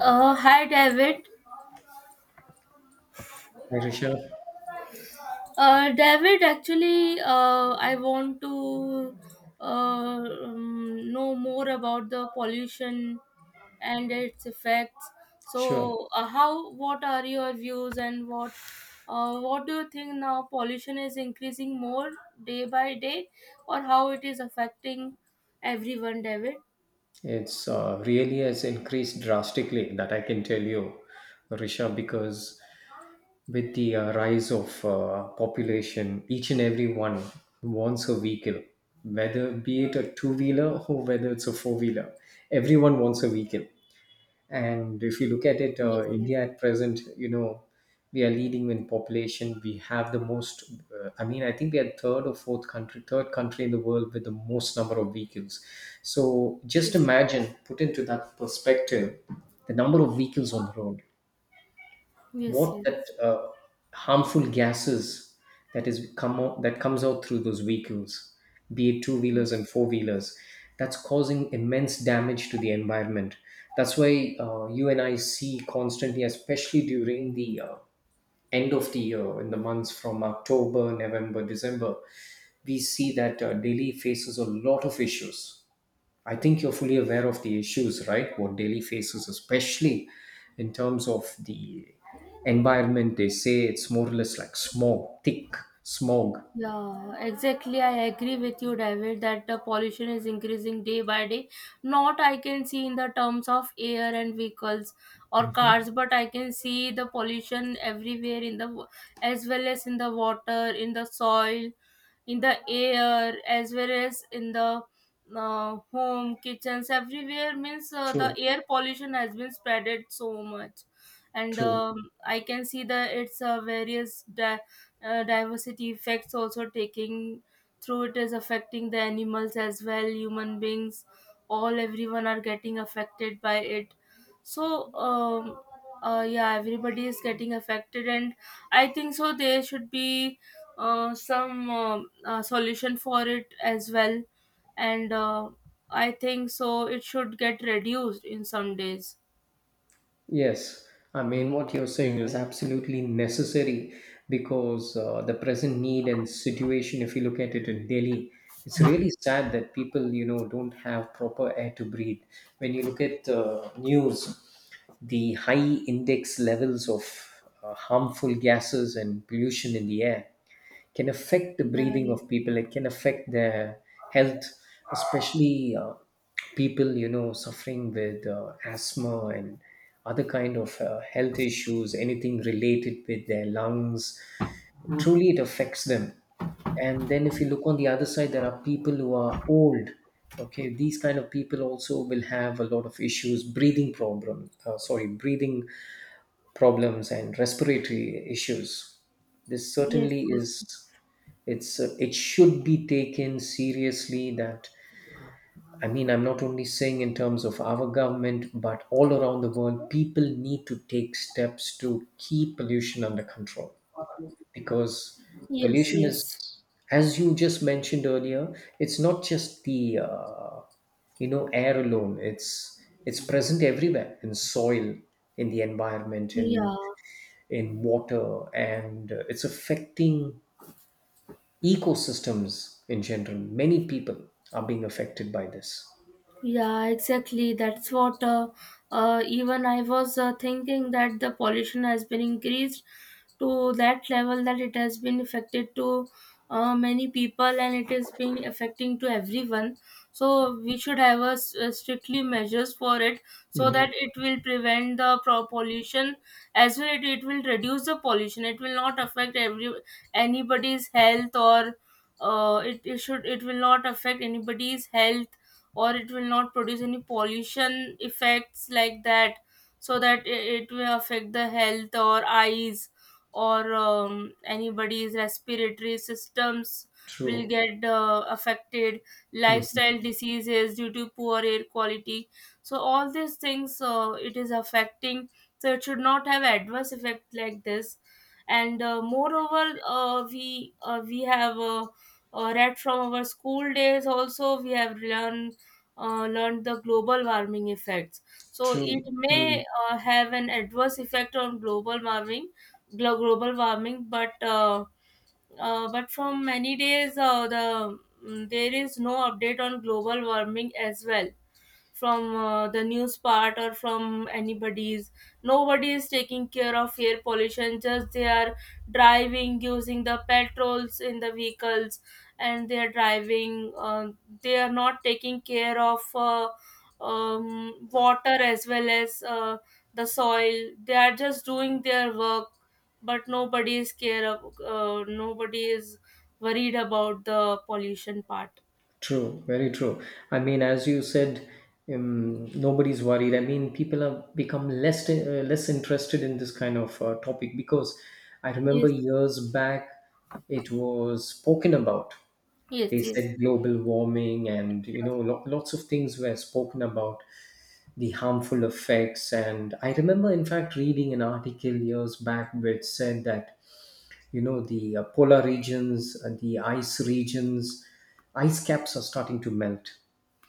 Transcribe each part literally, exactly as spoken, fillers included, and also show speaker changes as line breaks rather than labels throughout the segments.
Uh, hi, David.
Hi, Rishabh.
Uh, David, actually, uh, I want to uh, um, know more about the pollution and its effects.
Sure.
So, uh, how? What are your views, and what? Uh, what do you think now? Pollution is increasing more day by day, or how it is affecting everyone, David?
It's uh, really has increased drastically, that I can tell you, Rishabh, because with the uh, rise of uh, population, each and every one wants a vehicle, whether be it a two-wheeler or whether it's a four-wheeler. Everyone wants a vehicle. And if you look at it,
Yes,
uh,
yes.
India at present, you know, we are leading in population. We have the most. Uh, I mean, I think we are third or fourth country, third country in the world with the most number of vehicles. So just
Yes,
imagine, put into that perspective, the number of vehicles on the road,
yes,
what
yes.
that uh, harmful gases that is come out, that comes out through those vehicles, be it two wheelers
Yes.
and four wheelers, that's causing immense damage to the environment. That's why uh, you and I see constantly, especially during the uh, end of the year, in the months from October, November, December, we see that uh, Delhi faces a lot of issues. I think you're fully aware of the issues, right? What Delhi faces, especially in terms of the environment. They say it's more or less like smog, thick smog.
Yeah, exactly. I agree with you, David, that the pollution is increasing day by day. Not I can see in the terms of air and vehicles or cars,
Mhm.
but I can see the pollution everywhere in the wa- as well as in the water, in the soil, in the air, as well as in the uh, home, kitchens, everywhere. Means uh, the
True,
air pollution has been spreaded so much, and
true.
um, I can see that it's uh, various. Da- uh, diversity effects also taking through it is affecting the animals as well human beings all everyone are getting affected by it so um, uh, yeah everybody is getting affected and I think so there should be uh, some um uh, solution for it as well and uh, I think so it should get reduced in some days.
Yes, I mean, what you're saying is absolutely necessary because uh, the present need and situation, if you look at it in Delhi, it's really sad that people, you know, don't have proper air to breathe. When you look at uh, news, the high index levels of uh, harmful gases and pollution in the air, can affect the
Yeah.
breathing of people. It can affect their health, especially uh, people, you know, suffering with uh, asthma and other kind of uh, health issues, anything related with their lungs. Truly it affects them. And then if you look on the other side, there are people who are old. Okay, these kind of people also will have a lot of issues, breathing problem uh, sorry breathing problems and respiratory issues. This
Yes,
certainly
yes,
is it's uh, it should be taken seriously. That I mean, I'm not only saying in terms of our government, but all around the world, people need to take steps to keep pollution under control, because
yes. Yes,
pollution
yes.
is, as you just mentioned earlier, it's not just the uh, you know, air alone. It's it's present everywhere, in soil, in the environment, in
Yeah.
in water, and uh, it's affecting ecosystems in general. Many people are being affected by this.
Yeah, exactly. That's what uh, uh, even I was uh, thinking that the pollution has been increased to that level that it has been affected to uh, many people and it has been affecting to everyone. So we should have a, s- uh, strictly measures for it so
Hmm.
that it will prevent the pro- pollution as well. It, it will reduce the pollution. It will not affect every anybody's health or uh, it, it should it will not affect anybody's health or it will not produce any pollution effects like that so that it, it will affect the health or eyes or um, anybody's respiratory systems will
True.
get uh, affected,
Hmm.
lifestyle diseases due to poor air quality. So all these things uh, it is affecting so it should not have adverse effect like this. And uh, moreover uh, we uh, we have uh, uh, read from our school days, also we have learned uh, learned the global warming effects. So it
True.
may uh, have an adverse effect on global warming, glo- global warming, but uh, uh, but from many days uh, the mm, there is no update on global warming as well from uh, the news part or from anybody's. Nobody is taking care of air pollution, just they are driving, using the petrols in the vehicles, and they are driving uh, they are not taking care of uh, um, water as well as uh, the soil. They are just doing their work, but nobody is care of uh, nobody is worried about the pollution part.
True, very true. I mean, as you said, um, nobody's worried. I mean, people have become less uh, less interested in this kind of uh, topic, because I remember
Yes,
years back it was spoken about. They
yes, yes,
said global warming, and you know,
exactly.
lo- lots of things were spoken about, the harmful effects. And I remember, in fact, reading an article years back which said that, you know, the uh, polar regions and the ice regions ice caps are starting to melt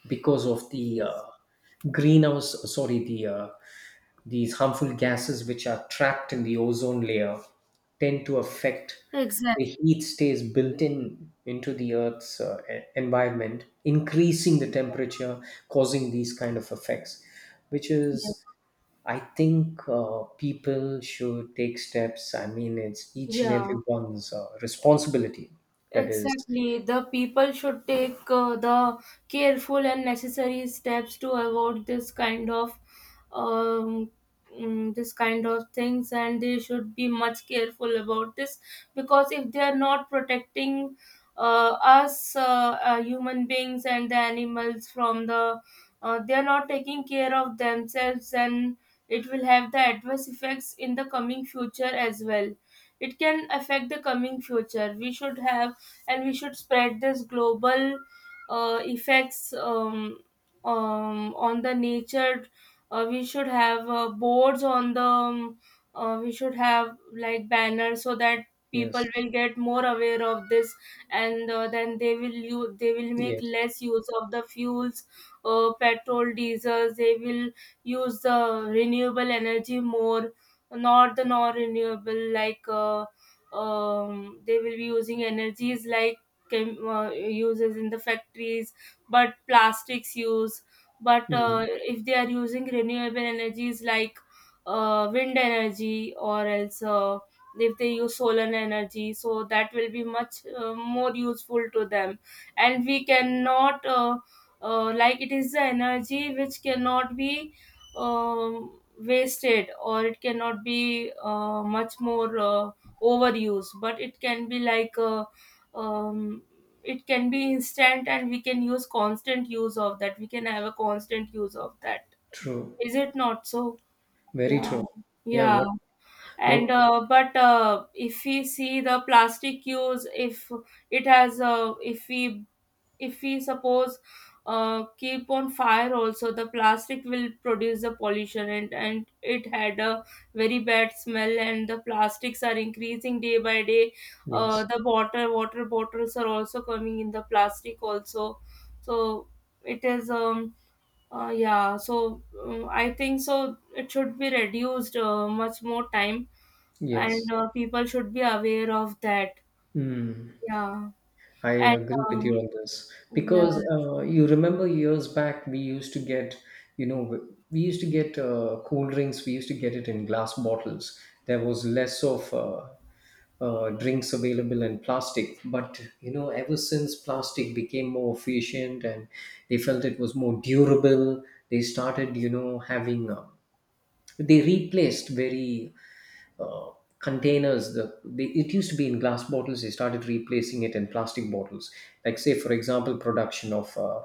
because of the uh,
Yes.
greenhouse sorry the uh, these harmful gases which are trapped in the ozone layer, tend to affect, the
Exactly.
heat stays built in into the earth's uh, e- environment, increasing the temperature, causing these kind of effects. Which
Yeah.
is I think uh, people should take steps. I mean, it's each and
Yeah.
everyone's uh, responsibility. That is,
Exactly. The people should take uh, the careful and necessary steps to avoid this kind of um, mm, this kind of things, and they should be much careful about this because if they are not protecting uh, us uh, uh, human beings and the animals from the uh, they are not taking care of themselves, and it will have the adverse effects in the coming future as well. It can affect the coming future. We should have, and we should spread this global uh, effects um, um, on the nature. Uh, we should have uh, boards on the. Um, uh, we should have like banners so that people
yes,
will get more aware of this, and uh, then they will use, they will make
yes,
less use of the fuels, uh, petrol, diesels. They will use the renewable energy more, not the non-renewable like. Uh, um, they will be using energies like chem- uh, uses in the factories but plastics use, but
mm,
uh, if they are using renewable energies like uh, wind energy or else uh, if they use solar energy, so that will be much uh, more useful to them. And we cannot uh, uh, like, it is the energy which cannot be um wasted, or it cannot be uh, much more uh, overuse, but it can be like uh, um, it can be instant, and we can use constant use of that we can have a constant use of that.
true,
Is it not so?
very
Yeah.
true. Yeah,
Yeah.
what,
And
what,
uh, but uh, if we see the plastic use, if it has uh, if we, if we suppose uh, keep on fire also, the plastic will produce the pollution, and, and it had a very bad smell, and the plastics are increasing day by day. uh,
yes,
the water water bottles are also coming in the plastic also, so it is um uh, yeah, so um, I think so it should be reduced uh, much more time. And
yes.
uh, people should be aware of that.
Mm.
Yeah.
I
And
agree with you
um,
on this,
yeah.
because uh, you remember years back we used to get, you know, we used to get uh, cool drinks. We used to get it in glass bottles. There was less of uh, uh, drinks available in plastic. But you know, ever since plastic became more efficient and they felt it was more durable, they started, you know, having uh, they replaced very uh, containers, the they, it used to be in glass bottles, they started replacing it in plastic bottles, like say for example production of uh,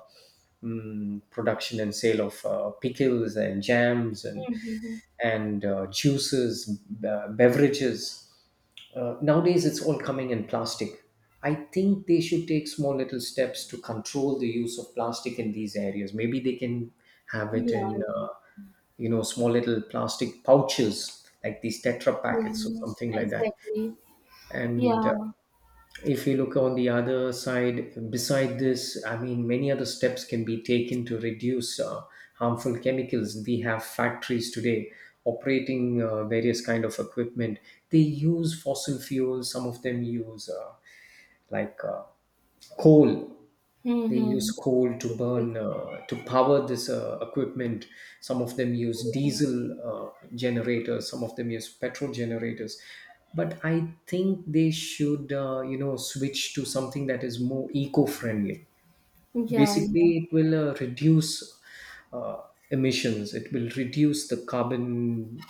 mm, production and sale of uh, pickles and jams and and uh, juices, be- beverages. Uh, nowadays, it's all coming in plastic. I think they should take small little steps to control the use of plastic in these areas. Maybe they can have it in,
Yeah,
uh, you know, small little plastic pouches like these Tetra packets or
yeah,
something like that.
exactly.
And uh,
Yeah.
if you look on the other side, beside this, I mean, many other steps can be taken to reduce uh, harmful chemicals. We have factories today operating uh, various kind of equipment. They use fossil fuels. Some of them use uh, like uh, coal. They
Mm-hmm.
use coal to burn, uh, to power this uh, equipment. Some of them use diesel uh, generators, some of them use petrol generators, but I think they should, uh, you know, switch to something that is more eco-friendly.
Yeah,
Basically,
yeah.
it will uh, reduce uh, emissions, it will reduce the carbon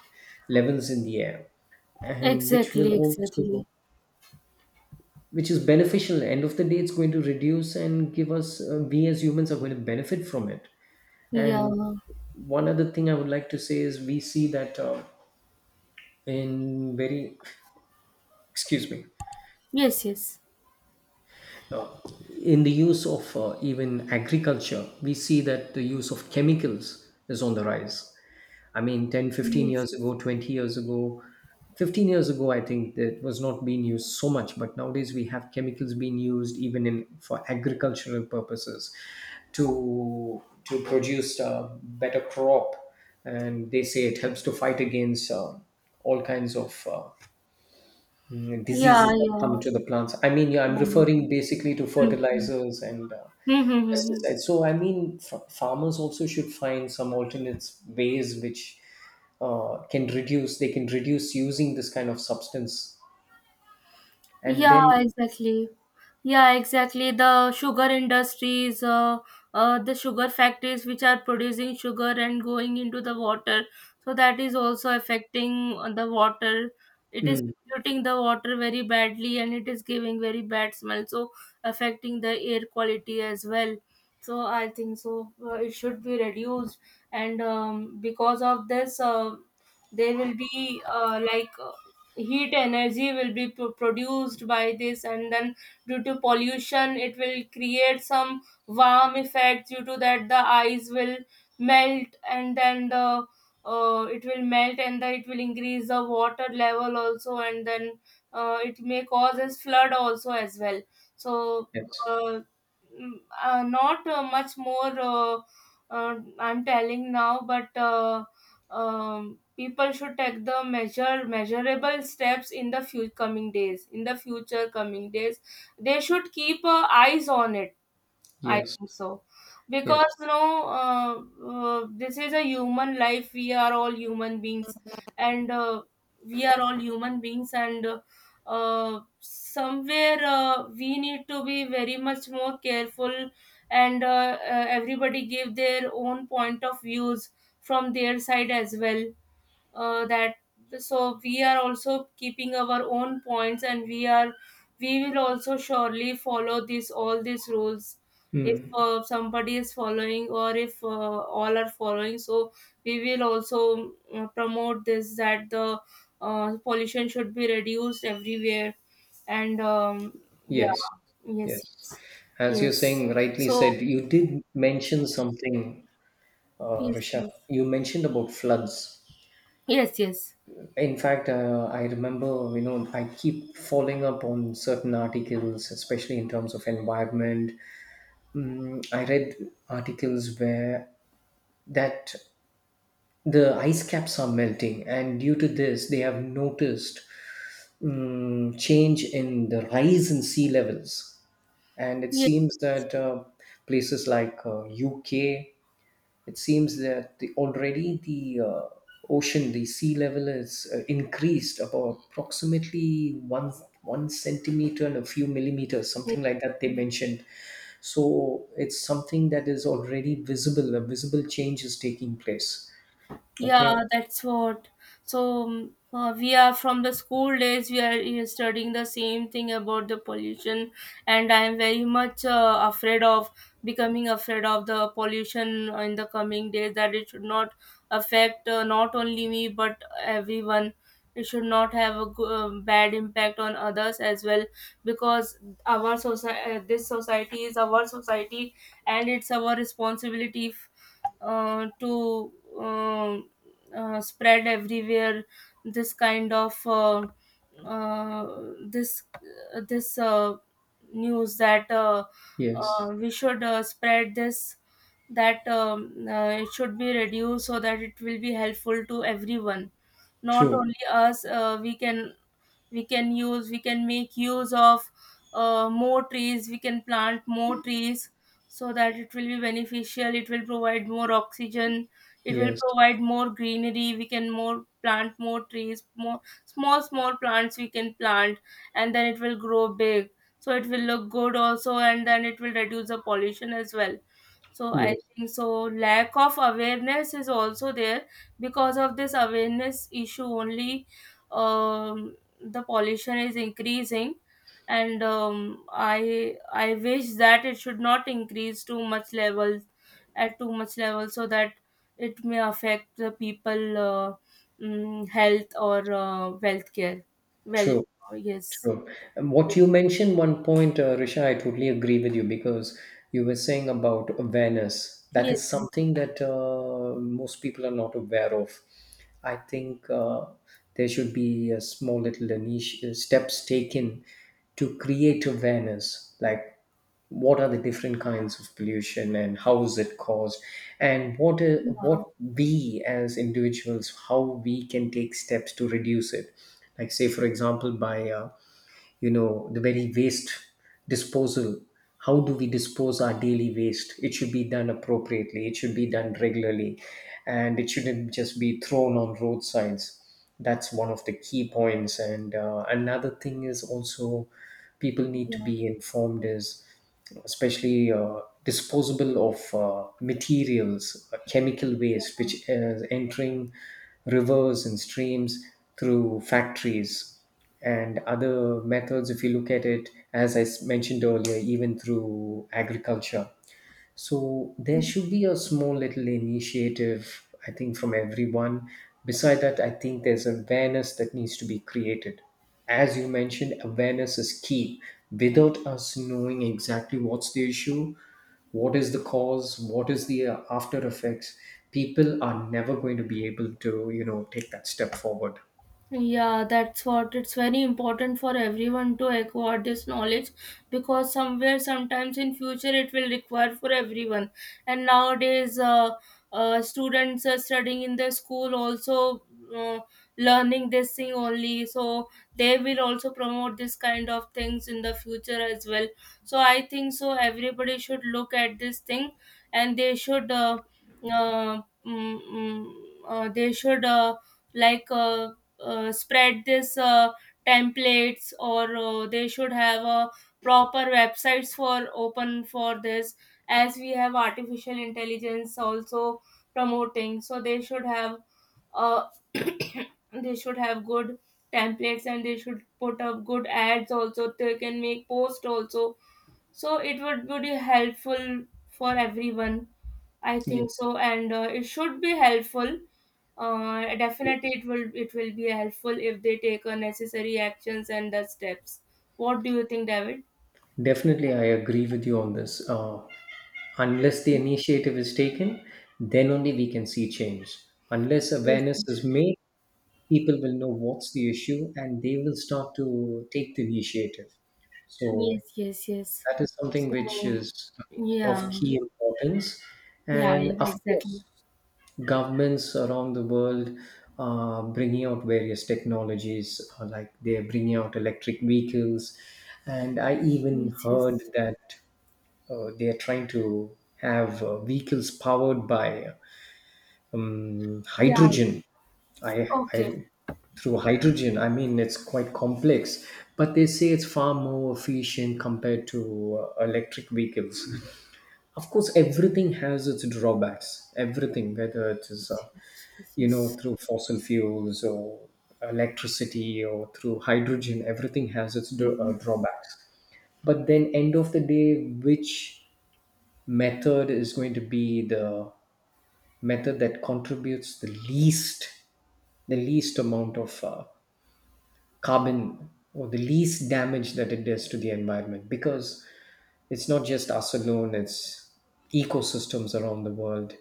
levels in the air, and which
Exactly,
will also
exactly.
which is beneficial. End of the day, it's going to reduce and give us, uh, we as humans are going to benefit from it.
Yeah.
And one other thing I would like to say is, we see that uh, in very, excuse me,
Yes, yes.
uh, in the use of uh, even agriculture, we see that the use of chemicals is on the rise. I mean, ten, fifteen
Yes,
years
yes.
ago, twenty years ago, fifteen years ago, I think that was not being used so much, but nowadays we have chemicals being used even in for agricultural purposes, to to produce a better crop, and they say it helps to fight against uh, all kinds of uh, mm,
Yeah,
diseases that come
yeah.
to the plants. I mean, yeah, I'm
Yeah. Mm-hmm.
referring basically to fertilizers and uh,
Mm-hmm. Mm-hmm.
pesticides. So I mean, f- farmers also should find some alternate ways which uh, can reduce. They can reduce using this kind of substance, and
Yeah,
then
exactly. Yeah, exactly. The sugar industries, uh, uh, the sugar factories which are producing sugar and going into the water. So that is also affecting uh, the water. It is
mm,
polluting the water very badly, and it is giving very bad smell, so affecting the air quality as well. So I think so. Uh, it should be reduced. And um, because of this, uh, there will be uh, like heat energy will be pro- produced by this, and then due to pollution it will create some warm effect. Due to that, the ice will melt, and then the uh, it will melt, and then it will increase the water level also, and then uh, it may cause a flood also as well. So
yes,
uh, mm, uh, not uh, much more uh, uh, I'm telling now, but uh, um, people should take the measure measurable steps in the few coming days, in the future coming days. They should keep uh, eyes on it. I
yes,
think so.
yes,
Because, you know, uh, uh, this is a human life. We are all human beings. And uh, we are all human beings. And uh, uh, somewhere uh, we need to be very much more careful. And uh, uh, everybody give their own point of views from their side as well, uh, that so we are also keeping our own points, and we are, we will also surely follow this all these rules. If
mm,
uh, somebody is following, or if uh, all are following, so we will also uh, promote this that the uh, pollution should be reduced everywhere. And um, yeah.
yes,
Yes,
yes.
yes,
As you're
yes,
saying, rightly
so
said. You did mention something, uh,
yes,
Rishabh.
yes,
You mentioned about floods.
yes, yes,
In fact, uh, I remember, you know, I keep following up on certain articles, especially in terms of environment. Mm, I read articles where that the ice caps are melting, and due to this, they have noticed mm, change in the rise in sea levels. And it
yes.
seems that uh, places like uh, U K, it seems that the, already the uh, ocean, the sea level is uh, increased about approximately one one centimeter and a few millimeters, something like that, they mentioned. So it's something that is already visible. A visible change is taking place. Okay.
Yeah, that's what. So um, uh, we are from the school days. We are uh, studying the same thing about the pollution, and I am very much uh, afraid of becoming afraid of the pollution in the coming days. That it should not affect uh, not only me but everyone. It should not have a go- um bad impact on others as well, because our society, this society is our society, and it's our responsibility uh, to um uh, spread everywhere this kind of uh, uh, this this uh, news that uh, uh,
Yes.
we should uh, spread this that um, uh, it should be reduced, so that it will be helpful to everyone, not
True.
only us. Uh, we can, we can use, we can make use of uh, more trees, we can plant more trees so that it will be beneficial, it will provide more oxygen, it will
Yes.
provide more greenery. We can more plant more trees, more small small plants we can plant, and then it will grow big, so it will look good also, and then it will reduce the pollution as well. So I
Yes.
think so, lack of awareness is also there. Because of this awareness issue only, um, the pollution is increasing. And um, I I wish that it should not increase too much level, at too much level, so that it may affect the people uh, mm, health or uh, wealth care well.
True.
Yes,
True. And what
yes,
you mentioned one point, uh, Risha, I totally agree with you, because you were saying about awareness. That
yes.
is
Yes.
something that uh, most people are not aware of. I think uh, there should be a small little initi- steps taken to create awareness, like what are the different kinds of pollution and how is it caused, and what uh, what we as individuals, how we can take steps to reduce it. Like say, for example, by uh, you know, the very waste disposal. How do we dispose our daily waste? It should be done appropriately, it should be done regularly, and it shouldn't just be thrown on roadsides. That's one of the key points. And uh, another thing is also people need to
Yeah.
be informed is, especially uh, disposable of uh, materials, uh, chemical waste, which is entering rivers and streams through factories and other methods. If you look at it, as i s- mentioned earlier, even through agriculture. So there should be a small little initiative, I think, from everyone. Beside that, I think there's awareness that needs to be created. As you mentioned, awareness is key. Without us knowing exactly what's the issue, what is the cause, what is the uh, after effects, people are never going to be able to, you know, take that step forward.
Yeah, that's what, it's very important for everyone to acquire this knowledge, because somewhere, sometimes in future, it will require for everyone. And nowadays, uh, uh, students are studying in the school also, uh, learning this thing only, so they will also promote this kind of things in the future as well. So I think so, everybody should look at this thing, and they should, uh, uh, mm, mm, uh, they should. Uh, like uh, uh, spread this uh, templates or uh, they should have a proper websites for open for this as we have artificial intelligence also promoting, so they should have uh, they should have good templates, and they should put up good ads also, they can make post also. So it would, would be helpful for everyone, I
Yeah.
think so. And uh, it should be helpful. Uh, definitely it will it will be helpful if they take uh, necessary actions and the steps. What do you think, David?
Definitely, I agree with you on this. Uh, unless the initiative is taken, then only we can see change. Unless
Yes,
awareness is made, people will know what's the issue and they will start to take the initiative. So,
yes, yes, yes, yes.
that is something which
So,
is
yeah,
of key importance.
yeah,
And
yeah,
of
exactly.
course, governments around the world are bringing out various technologies, uh, like they're bringing out electric vehicles. And I even
Yes,
heard
yes.
that uh, they are trying to have uh, vehicles powered by um, hydrogen. I, I through hydrogen. I mean, it's quite complex, but they say it's far more efficient compared to uh, electric vehicles. Of course, everything has its drawbacks. Everything, whether it is, uh, you know, through fossil fuels or electricity or through hydrogen, everything has its dra- uh, drawbacks. But then, end of the day, which method is going to be the method that contributes the least the least amount of uh, carbon or the least damage that it does to the environment, because it's not just us alone, it's ecosystems around the world.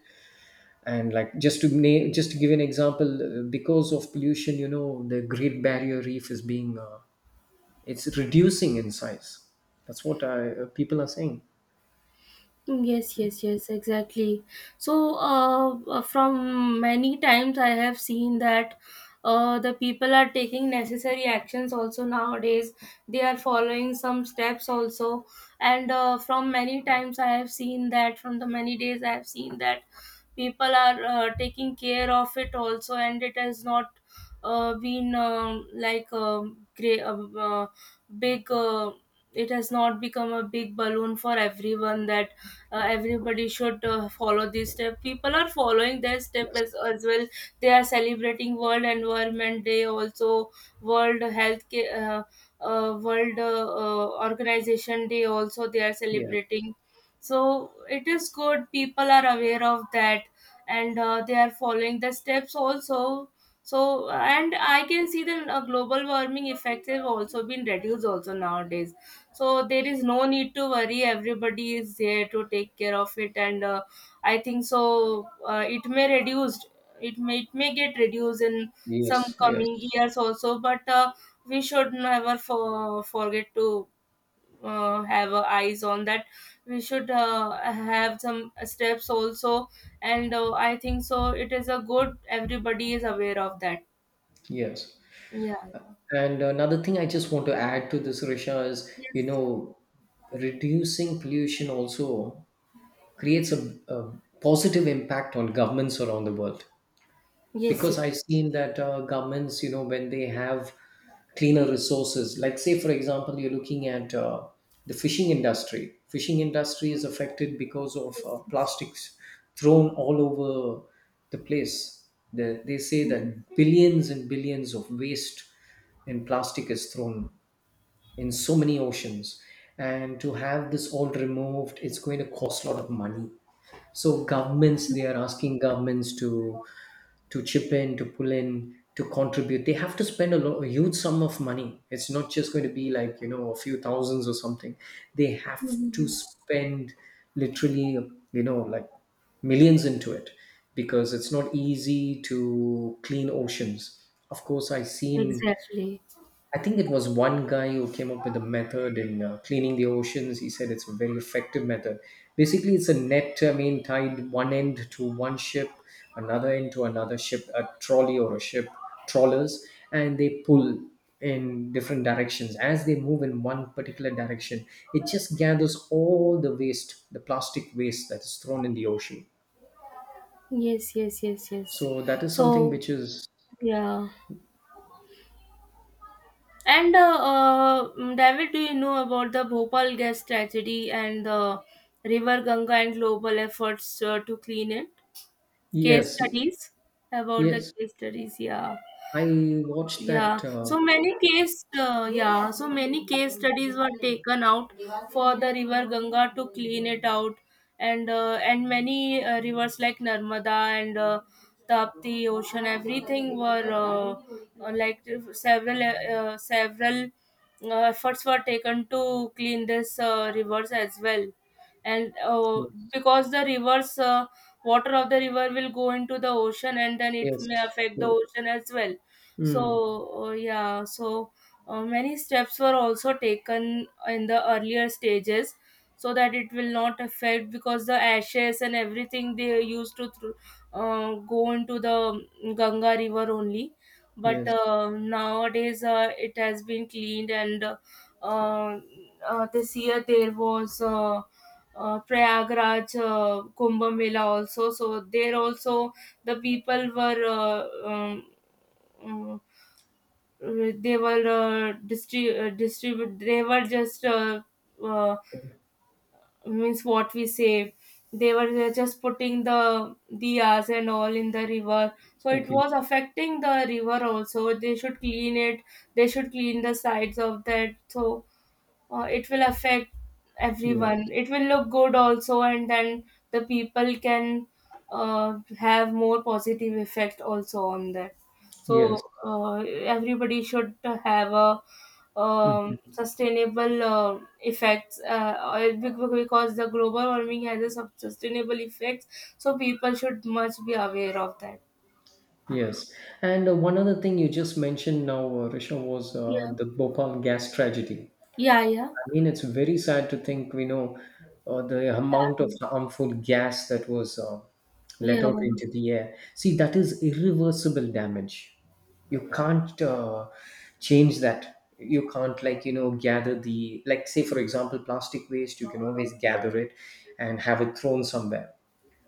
And like just to name, just to give an example, uh, because of pollution, you know the Great Barrier Reef is being uh, it's reducing in size. That's what I, uh, people are saying.
Mm, yes, yes, yes, exactly. So, uh, uh, from many times I have seen that uh, the people are taking necessary actions also nowadays. They are following some steps also. And uh, from many times I have seen that, from the many days I have seen that people are uh, taking care of it also, and it has not uh, been um like um great, uh, uh, big. Uh, it has not become a big balloon for everyone that uh, everybody should uh, follow this step. People are following their step
Yes.
as, as well. They are celebrating World Environment Day also, world health Ca- uh, uh, world uh, uh, organization day also they are
Yeah.
celebrating. So it is good, people are aware of that, and uh, they are following the steps also. So and I can see the uh, global warming effects have also been reduced also nowadays. So there is no need to worry, everybody is there to take care of it. And uh, I think so uh, it may reduced, it may it may get reduced in
Yes,
some
yes,
coming years also. But uh, we should never for, forget to uh, have uh, eyes on that. We should uh, have some steps also. And uh, I think so it is a good everybody is aware of that.
yes.
Yeah, yeah.
And another thing I just want to add to this, Risha, is you
Yes,
know, reducing pollution also creates a, a positive impact on governments around the world,
yes, yes,
because I've seen that uh, governments, you know when they have cleaner resources, like say for example, you're looking at uh, the fishing industry fishing industry is affected because of uh,
yes.
plastics thrown all over the place. The, they say
Yes.
that billions and billions of waste and plastic is thrown in so many oceans, and to have this all removed, it's going to cost a lot of money. So governments they are asking governments to to chip in, to pull in, to contribute. They have to spend a, lot, a huge sum of money. It's not just going to be like, you know, a few thousands or something. They have to spend literally, you know, like millions into it, because it's not easy to clean oceans. Of course, I've seen,
Exactly.
I think it was one guy who came up with a method in uh, cleaning the oceans. He said it's a very effective method. Basically, it's a net, I mean, tied one end to one ship, another end to another ship, a trolley or a ship, trawlers, and they pull in different directions. As they move in one particular direction, it just gathers all the waste, the plastic waste that is thrown in the ocean.
Yes, yes, yes, yes.
So that is something
So,
which is,
yeah. And uh, uh, mm, David, do you know about the Bhopal gas tragedy and the River Ganga and global efforts uh, to clean it? Case
yes, yes.
studies, about the
Yes.
case studies, yeah.
I watched
Yeah,
that. Uh,
so many case uh, yeah so many case studies were taken out for the River Ganga to clean it out. And uh, and many uh, rivers like Narmada and uh, Tapti ocean, everything were uh, uh, like several uh, several uh, efforts were taken to clean this uh, rivers as well. And uh, because the rivers uh, water of the river will go into the ocean, and then it may
Yes.
affect the
Mm.
ocean as well.
Mm.
So, uh, yeah, so uh, many steps were also taken in the earlier stages so that it will not affect, because the ashes and everything they used to thro- uh, go into the Ganga river only. But
Yes.
uh, nowadays uh, it has been cleaned. And uh, uh, this year there was uh, uh, Prayagraj uh, Kumbh Mela also. So there also the people were uh, um, um, uh, they were uh, distri- uh, distribute, they were just uh, uh, means what we say, they were uh, just putting the diyas and all in the river. So it
Okay.
was affecting the river also, they should clean it, they should clean the sides of that. So uh, it will affect everyone,
Yes.
it will look good also. And then the people can uh, have more positive effect also on that.
Yes.
So uh, everybody should have a um,
Mm.
sustainable uh, effects uh, or be- be- because the global warming has a sub- sustainable effects. So people should much be aware of that.
Yes. And uh, one other thing you just mentioned now, uh, Risha, was uh,
Yeah,
the Bhopal gas tragedy.
yeah. Yeah,
I mean, it's very sad to think, we know uh, the amount of harmful gas that was uh, let
yeah,
out into the air. See, that is irreversible damage. You can't uh, change that. You can't, like, you know, gather the, like, say, for example, plastic waste, you can always gather it and have it thrown somewhere.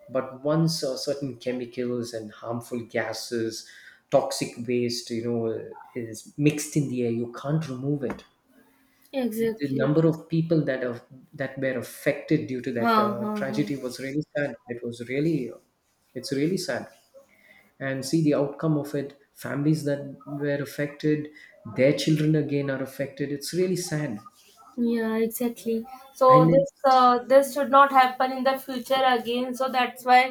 But once uh, certain chemicals and harmful gases, toxic waste, you know, is mixed in the air, you can't remove it. The
exactly.
number of people that are that were affected due to that
Huh,
uh,
huh, huh.
tragedy was really sad. It was really, uh, it's really sad. And see the outcome of it. Families that were affected, their children again are affected. It's really sad.
Yeah, exactly. So
And
this
it's
uh, this should not happen in the future again. So that's why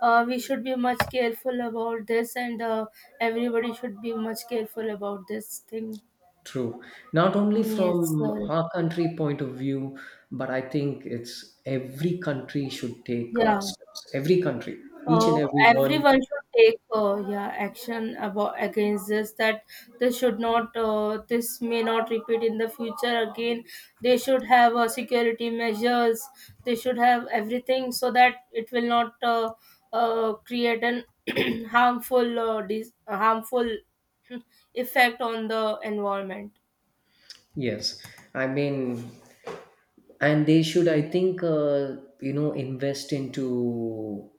uh, we should be much careful about this, and uh, everybody should be much careful about this thing.
true, not only
Mm, yes,
from
sir.
our country point of view, but I think it's every country should take uh,
Yeah.
steps. Every country, each and
Uh,
every one.
Everyone should take uh, yeah action about against this, that they should not uh, this may not repeat in the future again. They should have uh, security measures, they should have everything so that it will not uh, uh, create an harmful uh, dis- harmful effect on the environment.
Yes, I mean, and they should, I think, uh, you know, invest into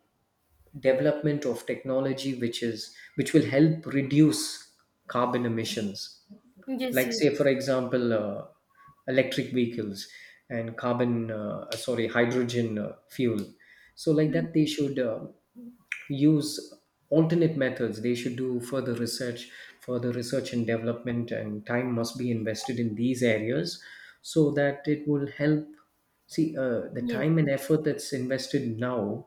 development of technology which is which will help reduce carbon emissions.
Yes,
Like,
yes.
say, for example, uh, electric vehicles and carbon, uh, sorry, hydrogen uh, fuel. So, like that, they
Mhm.
should. Uh, use alternate methods. They should do further research further research and development, and time must be invested in these areas so that it will help. See, uh, the
Yes,
time and
yes.
effort that's invested now,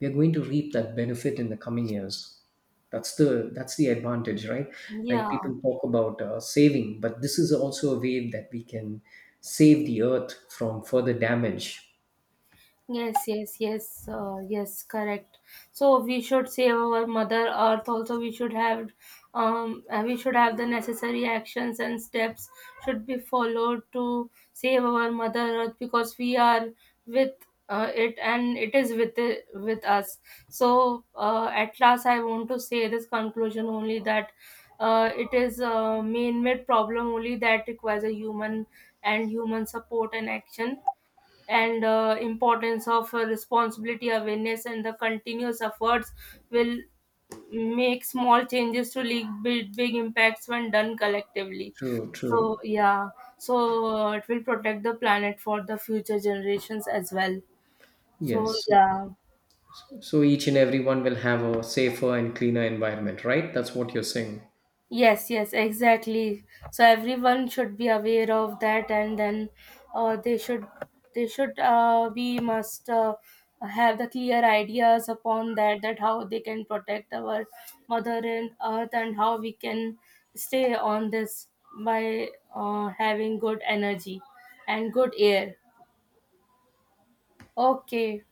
we are going to reap that benefit in the coming years. That's the that's the advantage, right? Like
Yeah.
people talk about uh, saving, but this is also a way that we can save the earth from further damage.
Yes, yes, yes, uh, yes, correct. So we should save our Mother Earth. Also, we should have, um, uh, we should have the necessary actions and steps should be followed to save our Mother Earth, because we are with uh, it, and it is with it, with us. So uh, at last, I want to say this conclusion only that uh, it is a man-made problem only that requires a human and human support and action, and uh, importance of uh, responsibility, awareness and the continuous efforts will make small changes to lead big, big impacts when done collectively.
True,
So
true.
yeah, so uh, it will protect the planet for the future generations as well. So
Yes.
yeah.
So each and everyone will have a safer and cleaner environment, right? That's what you're saying.
Yes, yes, exactly. So everyone should be aware of that, and then uh, they should, they should uh, we must uh, have the clear ideas upon that, that how they can protect our mother and earth and how we can stay on this by uh, having good energy and good air. Okay.